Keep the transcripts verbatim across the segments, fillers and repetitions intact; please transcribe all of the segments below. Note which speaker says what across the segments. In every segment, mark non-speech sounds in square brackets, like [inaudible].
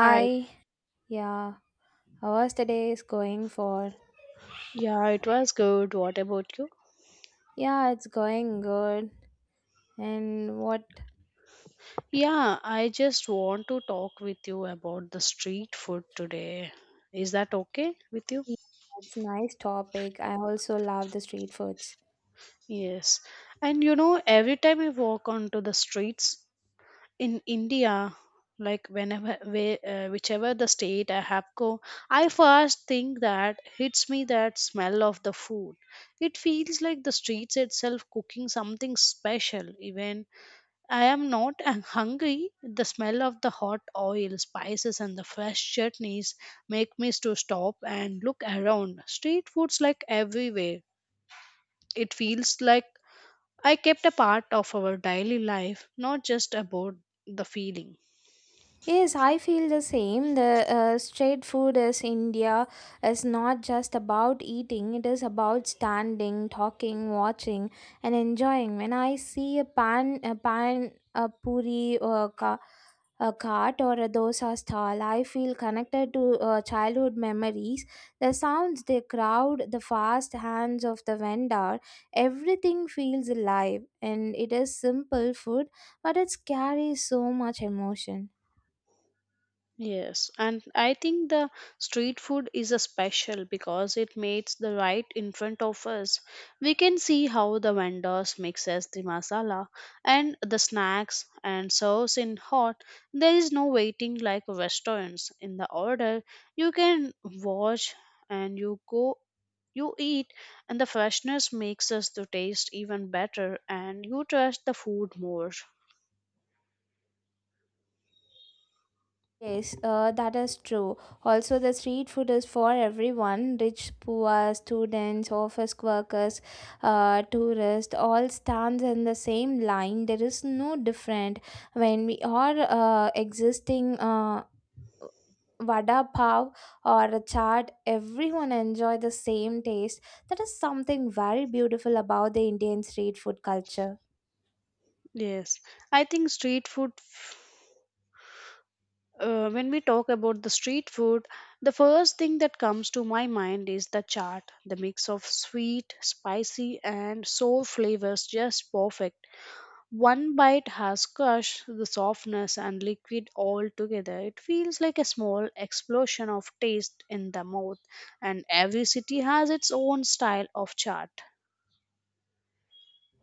Speaker 1: Hi.
Speaker 2: yeah, how was today's going for?
Speaker 1: Yeah, it was good. What about you?
Speaker 2: Yeah, it's going good. And what?
Speaker 1: Yeah, I just want to talk with you about the street food today. Is that okay with you?
Speaker 2: Yeah, it's nice topic. I also love the street foods.
Speaker 1: Yes. And you know, every time I walk onto the streets in India, like whenever, where, uh, whichever the state I have go, I first think that hits me that smell of the food. It feels like the streets itself cooking something special, even I am not uh, hungry. The smell of the hot oil, spices, and the fresh chutneys make me to stop and look around. Street foods like everywhere. It feels like I kept a part of our daily life, not just about the feeling.
Speaker 2: Yes, I feel the same. The uh, street food is India is not just about eating. It is about standing, talking, watching, and enjoying. When I see a pan, a pan, a puri, or a ka. A cart or a dosa stall, I feel connected to uh, childhood memories. The sounds, the crowd, the fast hands of the vendor, everything feels alive. And it is simple food, but it carries so much emotion.
Speaker 1: Yes, and I think the street food is a special because it makes the right in front of us. We can see how the vendors mixes the masala and the snacks and serves in hot. There is no waiting like restaurants. In the order, you can watch and you go you eat and the freshness makes us to taste even better and you trust the food more.
Speaker 2: Yes, uh, that is true. Also, the street food is for everyone rich, poor, students, office workers, uh, tourists, all stands in the same line. There is no different. When we are uh, existing uh, vada pav or a chaat, everyone enjoy the same taste. That is something very beautiful about the Indian street food culture.
Speaker 1: Yes, I think street food. Uh, when we talk about the street food, the first thing that comes to my mind is the chaat, the mix of sweet, spicy, and sour flavors, just perfect. One bite has crushed the softness and liquid all together. It feels like a small explosion of taste in the mouth, and every city has its own style of chaat.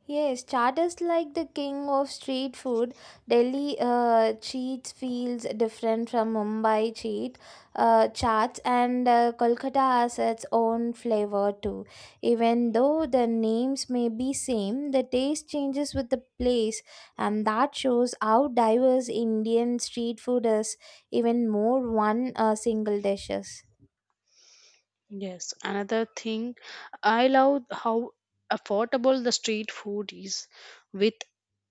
Speaker 2: Yes, chaat is like the king of street food. Delhi uh, cheats feels different from Mumbai cheat uh, chaats, and uh, Kolkata has its own flavor too. Even though the names may be same, the taste changes with the place, and that shows how diverse Indian street food is. Even more one uh, single dishes.
Speaker 1: Yes, another thing, I love how affordable the street food is. With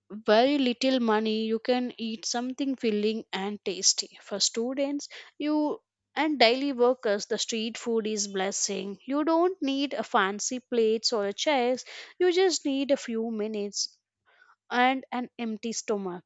Speaker 1: very little money you can eat something filling and tasty. For students, you and daily workers, the street food is blessing. You don't need a fancy plates or a chairs. You just need a few minutes and an empty stomach.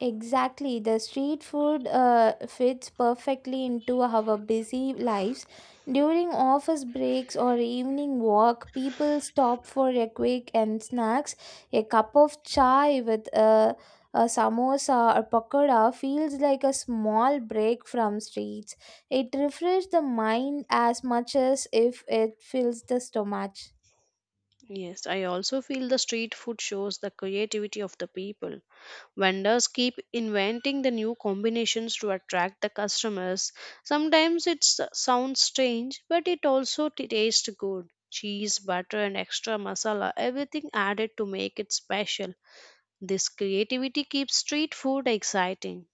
Speaker 2: Exactly. The street food uh, fits perfectly into our busy lives. During office breaks or evening walk, people stop for a quick and snacks. A cup of chai with uh, a samosa or pakoda feels like a small break from streets. It refreshes the mind as much as if it fills the stomach.
Speaker 1: Yes, I also feel the street food shows the creativity of the people. Vendors keep inventing the new combinations to attract the customers. Sometimes it s- sounds strange, but it also t- tastes good. Cheese, butter, and extra masala, everything added to make it special. This creativity keeps street food exciting.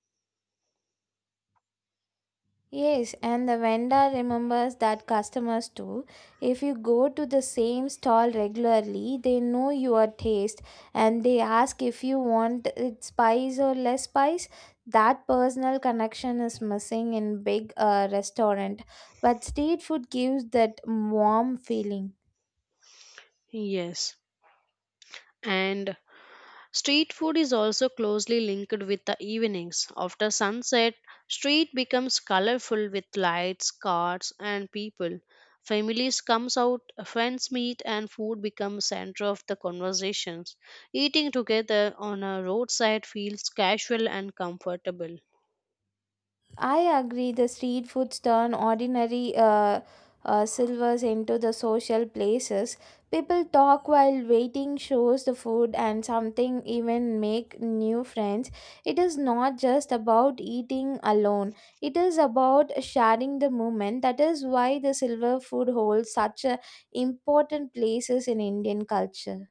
Speaker 2: Yes, and the vendor remembers that customers too. If you go to the same stall regularly, they know your taste and they ask if you want it spice or less spice. That personal connection is missing in big uh, restaurant, but street food gives that warm feeling.
Speaker 1: Yes. And street food is also closely linked with the evenings. After sunset, street becomes colorful with lights, cars, and people. Families comes out, friends meet, and food becomes center of the conversations. Eating together on a roadside feels casual and comfortable.
Speaker 2: I agree. The street foods turn ordinary uh, uh, silvers into the social places. People talk while waiting, shows the food, and something even make new friends. It is not just about eating alone. It is about sharing the moment. That is why the silver food holds such a important places in Indian culture.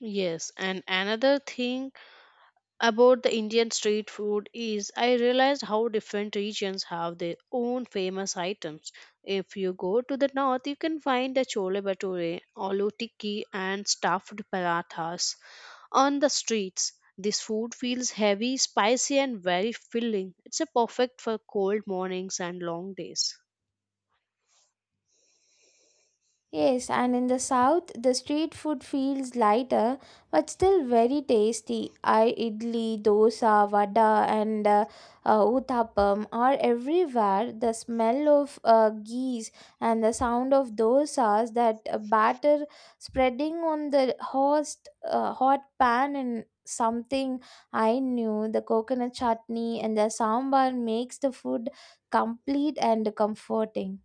Speaker 1: Yes, and another thing about the Indian street food is I realized how different regions have their own famous items. If you go to the north, you can find the chole bhature, aloo tikki, and stuffed parathas on the streets. This food feels heavy, spicy, and very filling. It's a perfect for cold mornings and long days.
Speaker 2: Yes, and in the south, the street food feels lighter but still very tasty. I idli, dosa, vada, and uh, uh, uthapam are everywhere. The smell of uh, ghee and the sound of dosas that uh, batter spreading on the host, uh, hot pan and something I knew the coconut chutney and the sambar makes the food complete and comforting.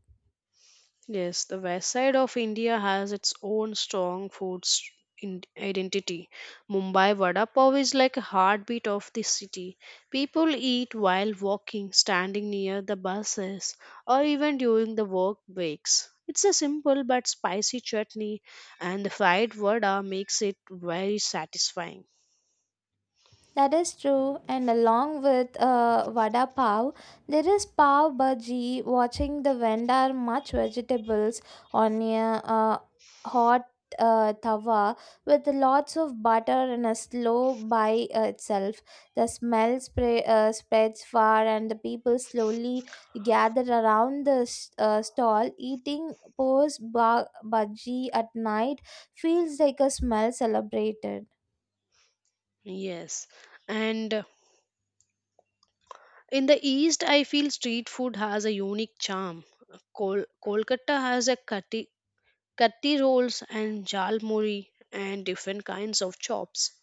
Speaker 1: Yes, the west side of India has its own strong food s- in- identity. Mumbai vada pav is like a heartbeat of the city. People eat while walking, standing near the buses, or even during the work breaks. It's a simple but spicy chutney, and the fried vada makes it very satisfying.
Speaker 2: That is true, and along with uh, vada pav, there is pav bhaji. Watching the vendor much vegetables on a uh, hot uh, tawa with lots of butter and a slow by uh, itself. The smell spray, uh, spreads far, and the people slowly gather around the s- uh, stall. Eating pose ba- bhaji at night feels like a smell celebrated.
Speaker 1: Yes, and uh, in the east, I feel street food has a unique charm. Kol- Kolkata has a cutty Katti rolls and jal muri and different kinds of chops.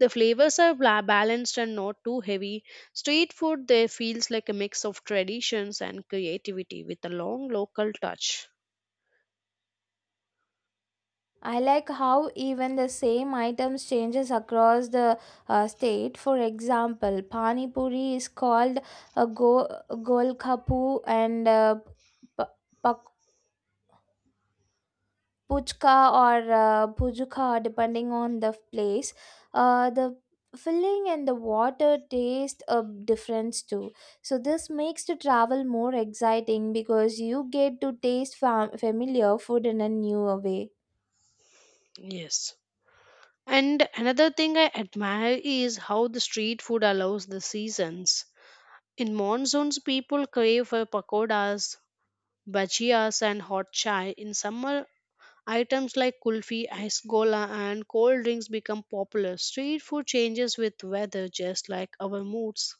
Speaker 1: The flavors are bla- balanced and not too heavy. Street food there feels like a mix of traditions and creativity with a long local touch.
Speaker 2: I like how even the same items changes across the uh, state. For example, pani puri is called a go golkapu and uh, pa- pak- puchka or uh, pujuka depending on the place. Uh, the filling and the water taste a difference too. So this makes the travel more exciting because you get to taste fam- familiar food in a new way.
Speaker 1: Yes. And another thing I admire is how the street food allows the seasons. In monsoons, people crave for pakodas, bhajias, and hot chai. In summer, items like kulfi, ice gola, and cold drinks become popular. Street food changes with weather, just like our moods.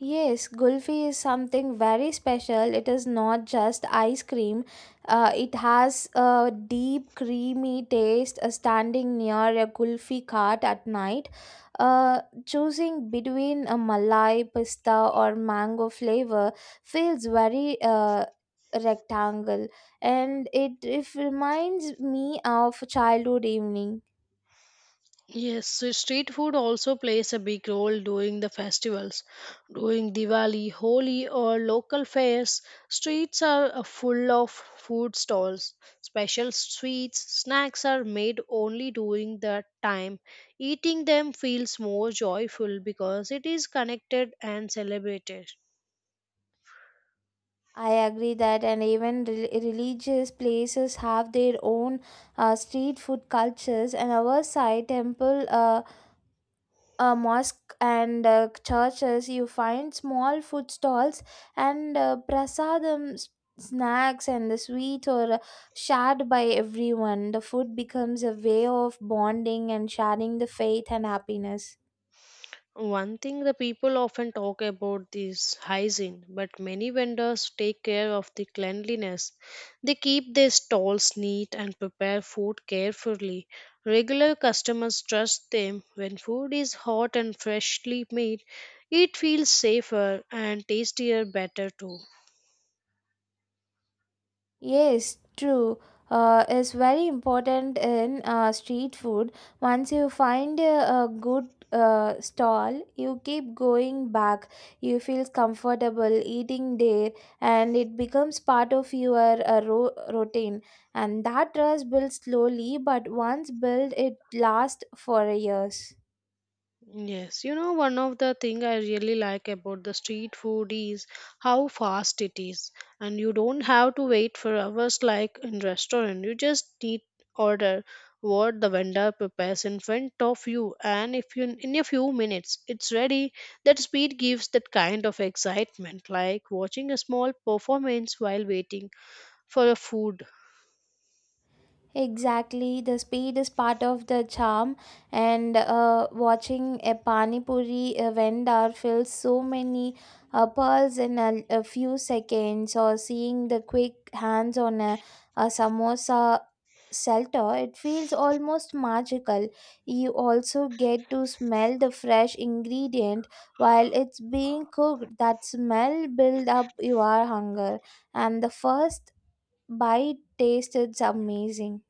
Speaker 2: Yes, Gulfi is something very special. It is not just ice cream. Uh, it has a deep, creamy taste uh, standing near a Gulfi cart at night. Uh, choosing between a Malai, pista, or mango flavor feels very uh, rectangle and it, it reminds me of childhood evening.
Speaker 1: Yes, so street food also plays a big role during the festivals. During Diwali, Holi, or local fairs, streets are uh, full of food stalls. Special sweets, snacks are made only during that time. Eating them feels more joyful because it is connected and celebrated.
Speaker 2: I agree that, and even rel- religious places have their own uh, street food cultures. And our side temple, uh, uh, mosque, and uh, churches, you find small food stalls and uh, prasadam s- snacks and the sweet or uh, shared by everyone. The food becomes a way of bonding and sharing the faith and happiness.
Speaker 1: One thing the people often talk about is hygiene, but many vendors take care of the cleanliness. They keep their stalls neat and prepare food carefully. Regular customers trust them. When food is hot and freshly made, it feels safer and tastier better too.
Speaker 2: Yes, true. Uh, is very important in uh, street food. Once you find a, a good uh, stall, you keep going back. You feel comfortable eating there, and it becomes part of your uh, ro- routine. And that trust builds slowly, but once built, it lasts for years.
Speaker 1: Yes, you know, one of the thing I really like about the street food is how fast it is, and you don't have to wait for hours like in restaurant. You just need order what the vendor prepares in front of you, and if you in a few minutes it's ready. That speed gives that kind of excitement, like watching a small performance while waiting for a food.
Speaker 2: Exactly, the speed is part of the charm, and uh, watching a pani puri uh, vendor fill so many uh, pearls in a, a few seconds, or seeing the quick hands on a, a samosa shelter, it feels almost magical. You also get to smell the fresh ingredient while it's being cooked. That smell build up your hunger, and the first bite taste is amazing.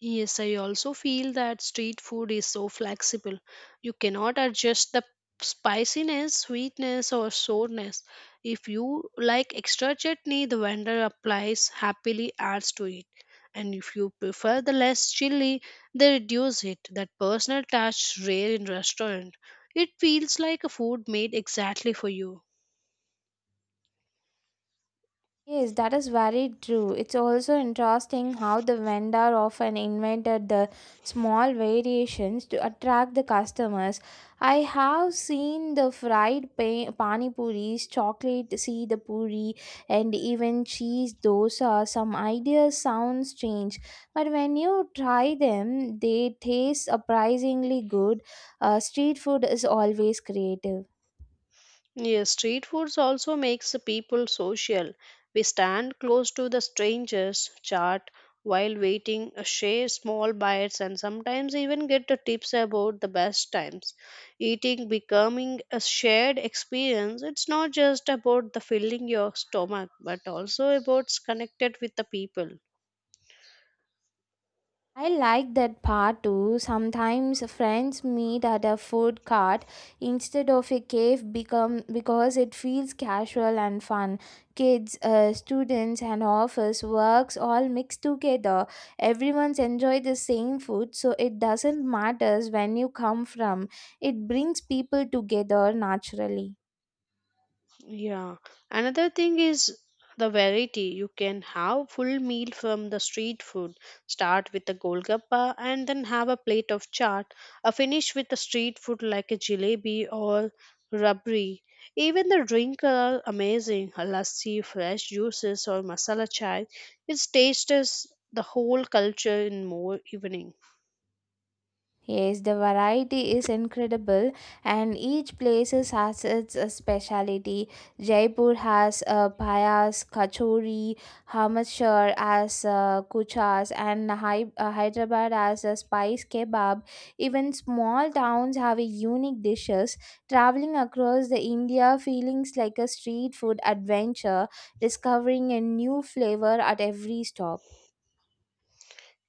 Speaker 1: Yes, I also feel that street food is so flexible. You cannot adjust the spiciness, sweetness, or sourness. If you like extra chutney, the vendor applies happily adds to it. And if you prefer the less chili, they reduce it. That personal touch rare in restaurant. It feels like a food made exactly for you.
Speaker 2: Yes, that is very true. It's also interesting how the vendor often invented the small variations to attract the customers. I have seen the fried pa- pani puris, chocolate seed puri, and even cheese dosa. Some ideas sound strange, but when you try them, they taste surprisingly good. Uh, street food is always creative.
Speaker 1: Yes, street foods also makes the people social. We stand close to the strangers, chat while waiting, uh, share small bites, and sometimes even get the tips about the best times. Eating becoming a shared experience. It's not just about the filling your stomach, but also about connected with the people.
Speaker 2: I like that part too. Sometimes friends meet at a food cart instead of a cave become because it feels casual and fun. Kids, uh, students, and office works all mixed together. Everyone's enjoy the same food, so it doesn't matters when you come from. It brings people together naturally.
Speaker 1: Yeah. Another thing is the variety. You can have full meal from the street food. Start with the golgappa and then have a plate of chaat. A finish with the street food like a jalebi or rabri. Even the drink are amazing. A lassi, fresh juices or masala chai. It tastes the whole culture in more evening.
Speaker 2: Yes, the variety is incredible, and each place has its uh, specialty. Jaipur has uh, payas, kachori, Hamacher as uh, kuchas, and Hy- uh, Hyderabad has a spice kebab. Even small towns have a unique dishes. Traveling across the India feelings like a street food adventure, discovering a new flavor at every stop.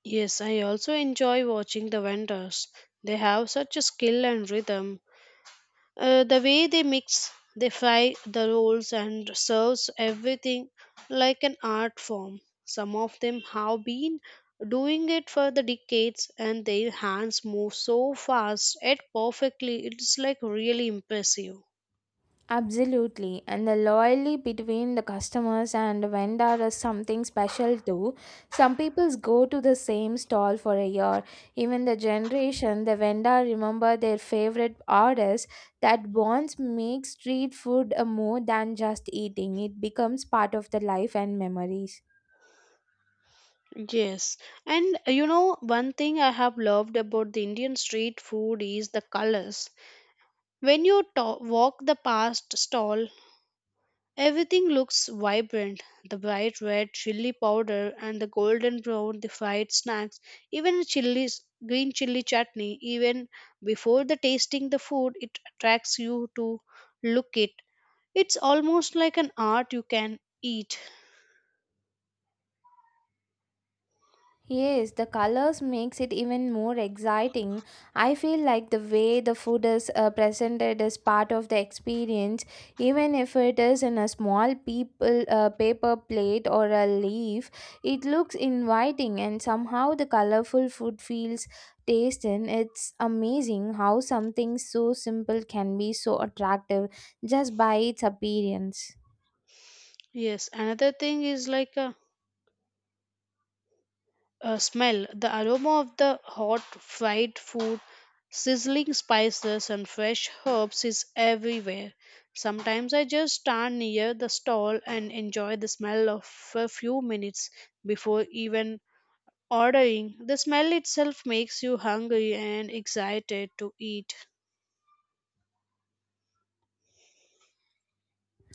Speaker 1: Yes, I also enjoy watching the vendors. They have such a skill and rhythm. Uh, the way they mix, they fry the rolls and serves everything like an art form. Some of them have been doing it for the decades and their hands move so fast yet perfectly. It's like really impressive.
Speaker 2: Absolutely, and the loyalty between the customers and vendor is something special too. Some peoples go to the same stall for a year. Even the generation, the vendor remember their favorite artists. That bonds make street food a more than just eating. It becomes part of the life and memories.
Speaker 1: Yes, and uh, you know, one thing I have loved about the Indian street food is the colors. When you to- walk the past stall, everything looks vibrant, the bright red chili powder and the golden brown, the fried snacks, even a chilies, green chili chutney. Even before the tasting the food, it attracts you to look it. It's almost like an art you can eat.
Speaker 2: Yes, the colors makes it even more exciting. I feel like the way the food is uh, presented is part of the experience, even if it is in a small people uh, paper plate or a leaf. It looks inviting, and somehow the colorful food feels tasty. And it's amazing how something so simple can be so attractive just by its appearance.
Speaker 1: Yes, another thing is like a Uh, smell the aroma of the hot fried food, sizzling spices, and fresh herbs is everywhere. Sometimes I just stand near the stall and enjoy the smell of for a few minutes before even ordering. The smell itself makes you hungry and excited to eat.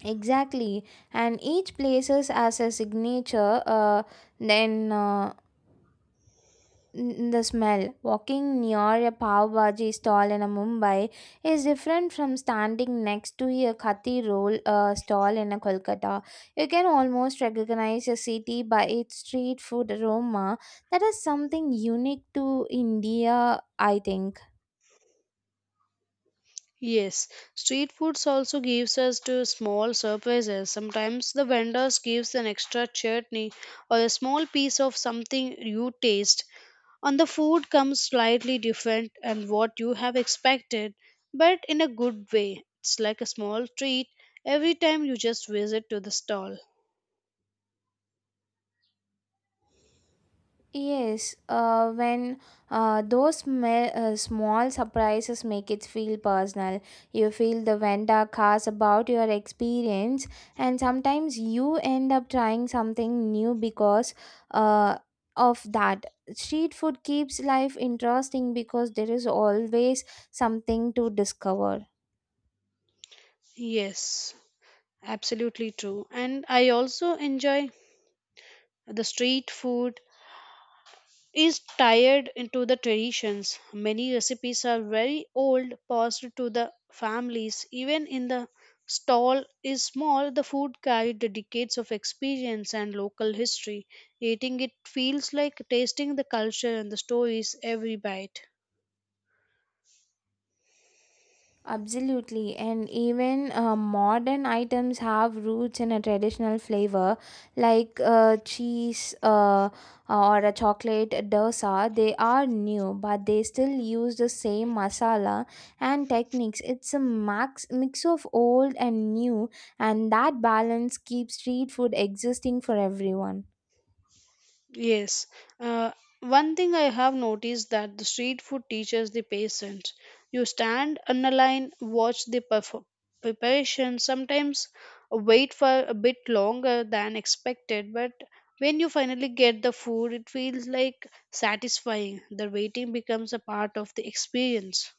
Speaker 2: Exactly, and each places as a signature. Uh, then uh, n- the smell. Walking near a pav bhaji stall in a Mumbai is different from standing next to a khati roll uh, stall in a Kolkata. You can almost recognize a city by its street food aroma. That is something unique to India, I think.
Speaker 1: Yes, street foods also gives us to small surprises. Sometimes the vendors gives an extra chutney or a small piece of something you taste on the food comes slightly different and what you have expected, but in a good way it's like a small treat every time you just visit to the stall.
Speaker 2: Yes, uh, when uh, those sma- uh, small surprises make it feel personal, you feel the vendor cares about your experience, and sometimes you end up trying something new because uh, of that. Street food keeps life interesting because there is always something to discover.
Speaker 1: Yes, absolutely true. And I also enjoy the street food is tied into the traditions. Many recipes are very old, passed to the families. Even in the stall is small, the food carried the decades of experience and local history. Eating it feels like tasting the culture and the stories every bite.
Speaker 2: Absolutely, and even uh, modern items have roots in a traditional flavor, like uh, cheese uh, uh, or a chocolate dosa. They are new, but they still use the same masala and techniques. It's a max mix of old and new, and that balance keeps street food existing for everyone.
Speaker 1: Yes. Uh, One thing I have noticed that the street food teaches the patience. You stand on a line, watch the perf- preparation, sometimes wait for a bit longer than expected, but when you finally get the food, it feels like satisfying. The waiting becomes a part of the experience.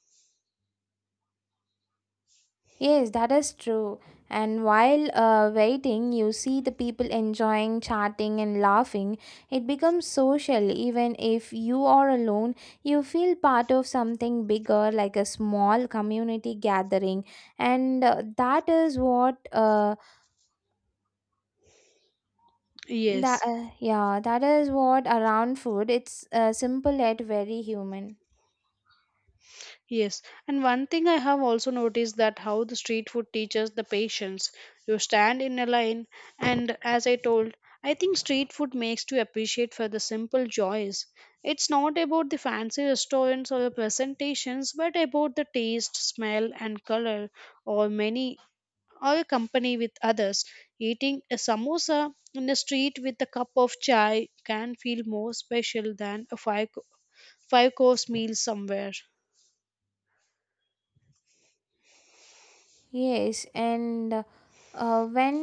Speaker 2: Yes, that is true. And while uh, waiting, you see the people enjoying chatting and laughing. It becomes social. Even if you are alone, you feel part of something bigger, like a small community gathering. And uh, that is what, uh, that
Speaker 1: Yes.
Speaker 2: uh, yeah, that is what around food. It's uh, simple yet very human.
Speaker 1: Yes, and one thing I have also noticed that how the street food teaches the patience. You stand in a line, and as I told, I think street food makes you appreciate for the simple joys. It's not about the fancy restaurants or the presentations, but about the taste, smell, and color, or many or a company with others. Eating a samosa in the street with a cup of chai can feel more special than a five five course meal somewhere.
Speaker 2: Yes, and uh, when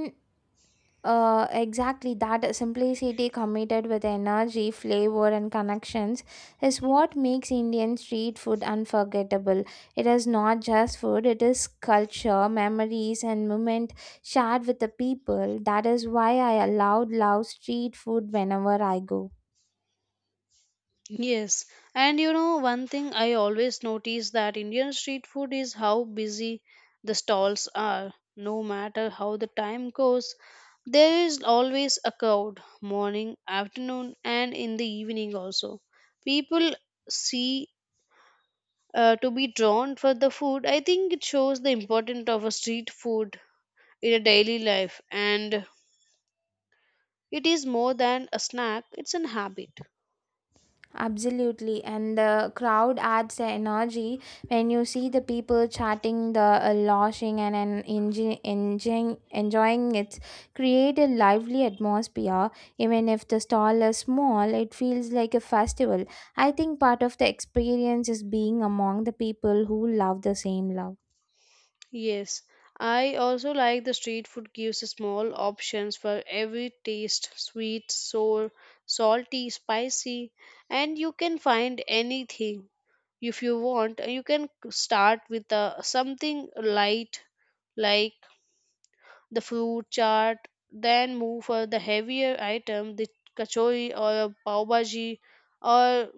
Speaker 2: Uh, exactly that simplicity committed with energy, flavor, and connections is what makes Indian street food unforgettable. It is not just food, it is culture, memories, and moment shared with the people. That is why I allowed love street food whenever I go.
Speaker 1: Yes, and you know, one thing I always notice that Indian street food is how busy the stalls are. No matter how the time goes, there is always a crowd, morning, afternoon, and in the evening also. People see uh, to be drawn for the food. I think it shows the importance of a street food in a daily life, and it is more than a snack, it's an habit.
Speaker 2: Absolutely, and the crowd adds the energy when you see the people chatting, the uh, laughing, and, and enjoy, enjoying, enjoying it. Create a lively atmosphere, even if the stall is small, it feels like a festival. I think part of the experience is being among the people who love the same love.
Speaker 1: Yes, I also like the street food gives small options for every taste, sweet, sour, salty, spicy, and you can find anything if you want. You can start with uh, something light like the fruit chaat, then move for the heavier item, the kachori or a pav bhaji, or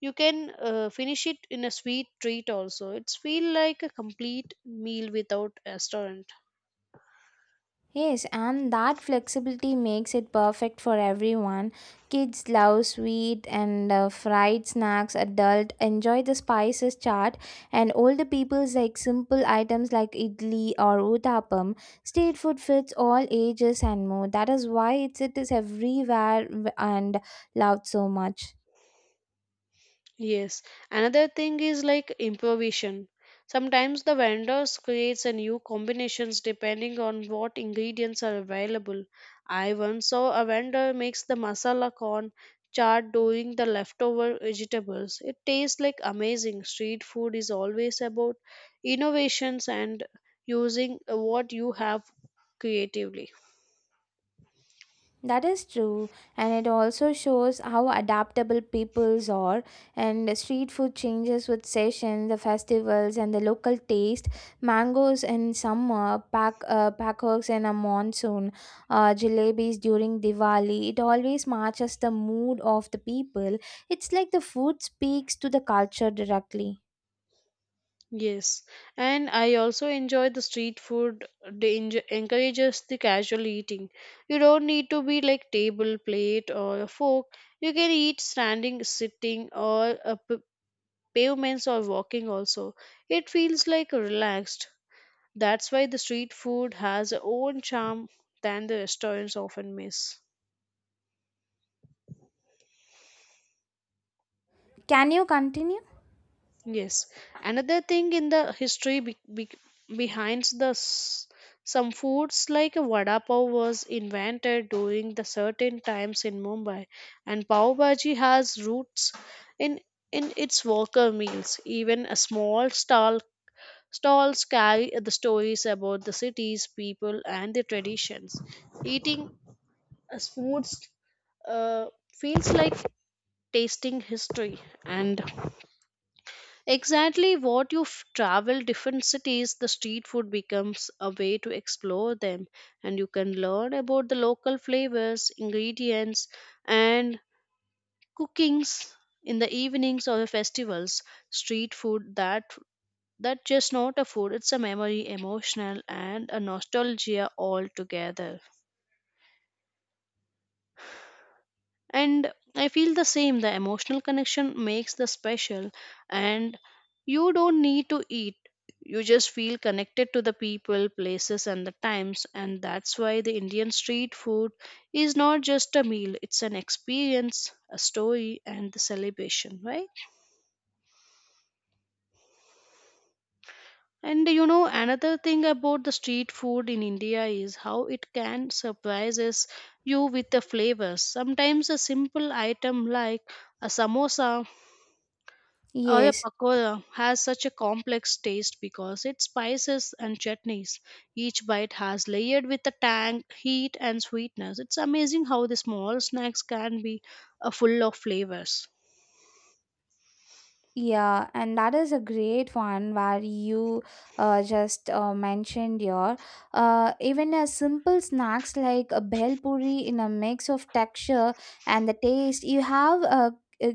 Speaker 1: you can uh, finish it in a sweet treat also. It's feel like a complete meal without restaurant.
Speaker 2: Yes, and that flexibility makes it perfect for everyone. Kids love sweet and uh, fried snacks, adult enjoy the spices chart, and older people's like simple items like idli or uttapam. Street food fits all ages and more. That is why it's, it is everywhere and loved so much.
Speaker 1: Yes. Another thing is like improvisation. Sometimes the vendors creates a new combinations depending on what ingredients are available. I once saw a vendor makes the masala corn chaat during the leftover vegetables. It tastes like amazing. Street food is always about innovations and using uh, what you have creatively.
Speaker 2: That is true, and it also shows how adaptable peoples are. And street food changes with seasons, the festivals, and the local taste. Mangoes in summer, pack uh, packhawks in a monsoon, uh, jalebis during Diwali. It always matches the mood of the people. It's like the food speaks to the culture directly.
Speaker 1: Yes, and I also enjoy the street food. They enj- encourages the casual eating. You don't need to be like table, plate, or a fork. You can eat standing, sitting, or uh, p- pavements or walking. Also, it feels like relaxed. That's why the street food has a own charm than the restaurants often miss.
Speaker 2: Can you continue?
Speaker 1: Yes. Another thing in the history be- be- behind the s- some foods like a vada pav was invented during the certain times in Mumbai, and pav bhaji has roots in in its worker meals. Even a small stall stalls carry the stories about the cities, people, and the traditions. Eating as foods uh, feels like tasting history. And exactly what you f- travel different cities, the street food becomes a way to explore them and you can learn about the local flavors, ingredients, and cookings in the evenings or the festivals. Street food that that just not a food, it's a memory, emotional and a nostalgia all together. And I feel the same, the emotional connection makes the special. And you don't need to eat, you just feel connected to the people, places and the times. And that's why the Indian street food is not just a meal, it's an experience, a story and the celebration, right? And you know, another thing about the street food in India is how it can surprises you with the flavors. Sometimes a simple item like a samosa, Oya
Speaker 2: Yes.
Speaker 1: pakora has such a complex taste because its spices and chutneys. Each bite has layered with a tang, heat, and sweetness. It's amazing how the small snacks can be uh, full of flavors.
Speaker 2: Yeah, and that is a great one where you uh, just uh, mentioned your uh, even a simple snacks like a bhel puri in a mix of texture and the taste. You have a, a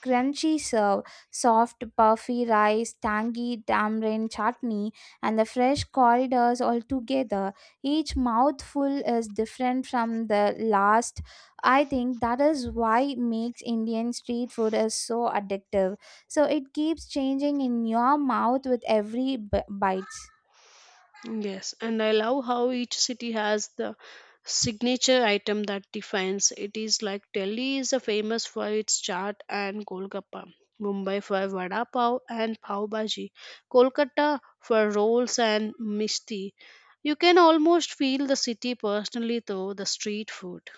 Speaker 2: crunchy serve, soft puffy rice, tangy tamarind chutney, and the fresh corridors all together. Each mouthful is different from the last. I think that is why makes Indian street food is so addictive so it keeps changing in your mouth with every b- bite.
Speaker 1: Yes, and I love how each city has the signature item that defines it, is like Delhi is a famous for its chaat and Golgappa, Mumbai for vada pav and pav bhaji, Kolkata for rolls and misti. You can almost feel the city personally through the street food.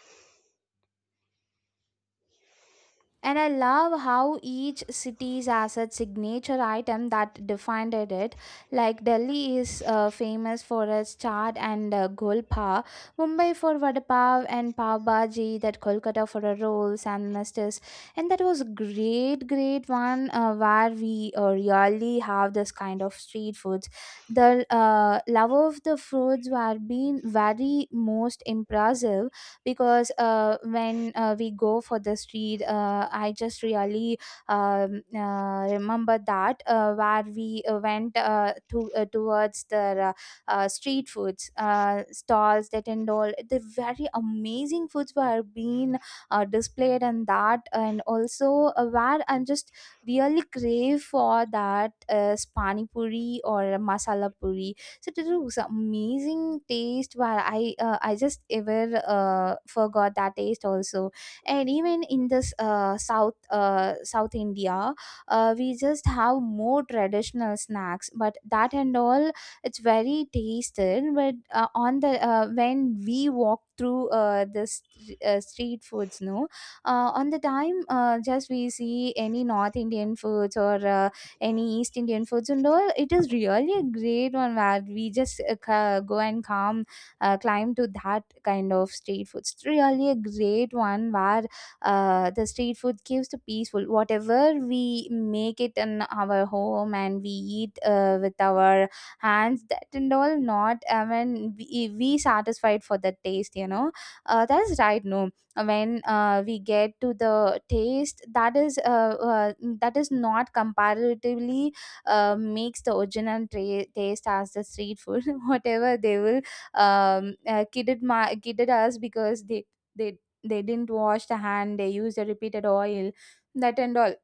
Speaker 2: And I love how each city's has its signature item that defined it. Like Delhi is uh, famous for its chaat and uh, golpa, Mumbai for vada pav and pav bhaji, that Kolkata for a rolls and mustas. And that was great, great one uh, where we uh, really have this kind of street foods. The uh, love of the foods were being very most impressive because uh, when uh, we go for the street uh, I just really um, uh, remember that uh, where we uh, went uh, to uh, towards the uh, uh, street foods uh, stalls that and all the very amazing foods were being uh, displayed and that and also uh, where I'm just really crave for that uh, pani puri or masala puri, so it was amazing taste where i uh, i just ever uh, forgot that taste also. And even in this uh, south uh, south India, uh, we just have more traditional snacks but that and all it's very tasted, but uh, on the uh, when we walk through uh, the st- uh, street foods no, uh, on the time uh, just we see any north Indian foods or uh, any East Indian foods and all. It is really a great one where we just uh, ca- go and come, uh, climb to that kind of street food. It's really a great one where uh, the street food keeps the peaceful. Whatever we make it in our home and we eat uh, with our hands, that and all, not, I mean, we, we satisfied for the taste, you know. Uh, that's right, no, when uh, we get to the taste that is uh, uh, that is not comparatively uh, makes the original tra- taste as the street food. [laughs] Whatever they will um, uh, kidded my kidded us because they they they didn't wash the hand, they used the repeated oil, that and all.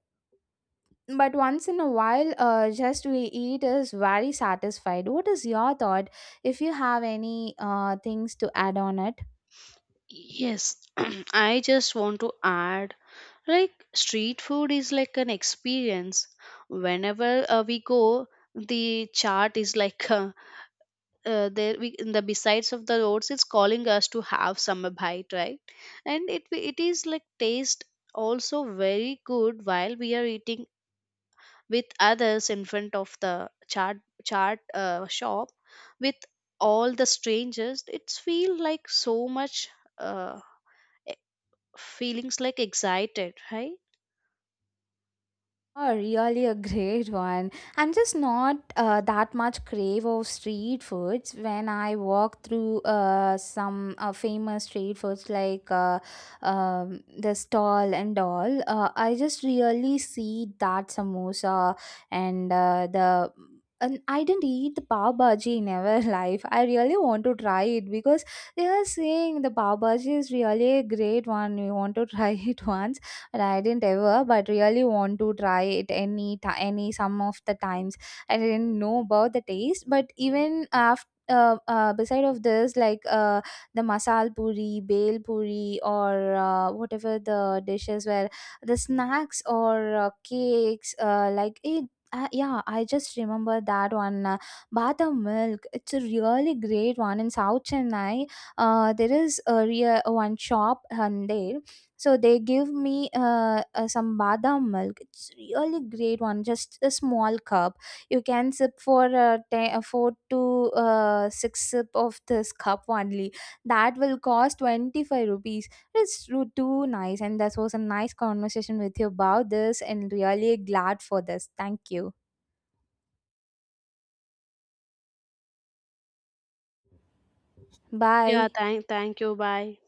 Speaker 2: But once in a while uh, just we eat is very satisfied. What is your thought if you have any uh, things to add on it?
Speaker 1: Yes, [clears throat] I just want to add like street food is like an experience. Whenever uh, we go, the chart is like [laughs] a uh, there we in the besides of the roads it's calling us to have summer bite, right? And it it is like taste also very good while we are eating with others in front of the chart chart uh, shop with all the strangers. It's feel like so much uh, e- feelings like excited, right?
Speaker 2: Oh, really a great one. I'm just not uh, that much crave of street foods. When I walk through uh, some uh, famous street foods like uh, um, the stall and all, uh, I just really see that samosa and uh, the. And I didn't eat the pav bhaji in ever [laughs] life. I really want to try it because they are saying the pav bhaji is really a great one. We want to [laughs] try it once, and I didn't ever, but really want to try it any ti any some of the times. I didn't know about the taste, but even after. Uh, uh, beside of this like uh, the masal puri bale puri or uh, whatever the dishes were, the snacks or uh, cakes uh, like it uh, yeah, I just remember that one, uh, badam milk, it's a really great one in south Chennai. Uh, there is a real one shop, um, so they give me uh, uh, some badam milk. It's really great one, just a small cup. You can sip for uh, ten, uh, four to uh, six sip of this cup only. That will cost twenty five rupees. It's ru- too nice, and that was a nice conversation with you about this, and really glad for this. Thank you.
Speaker 1: Yeah,
Speaker 2: Bye.
Speaker 1: thank thank you. Bye.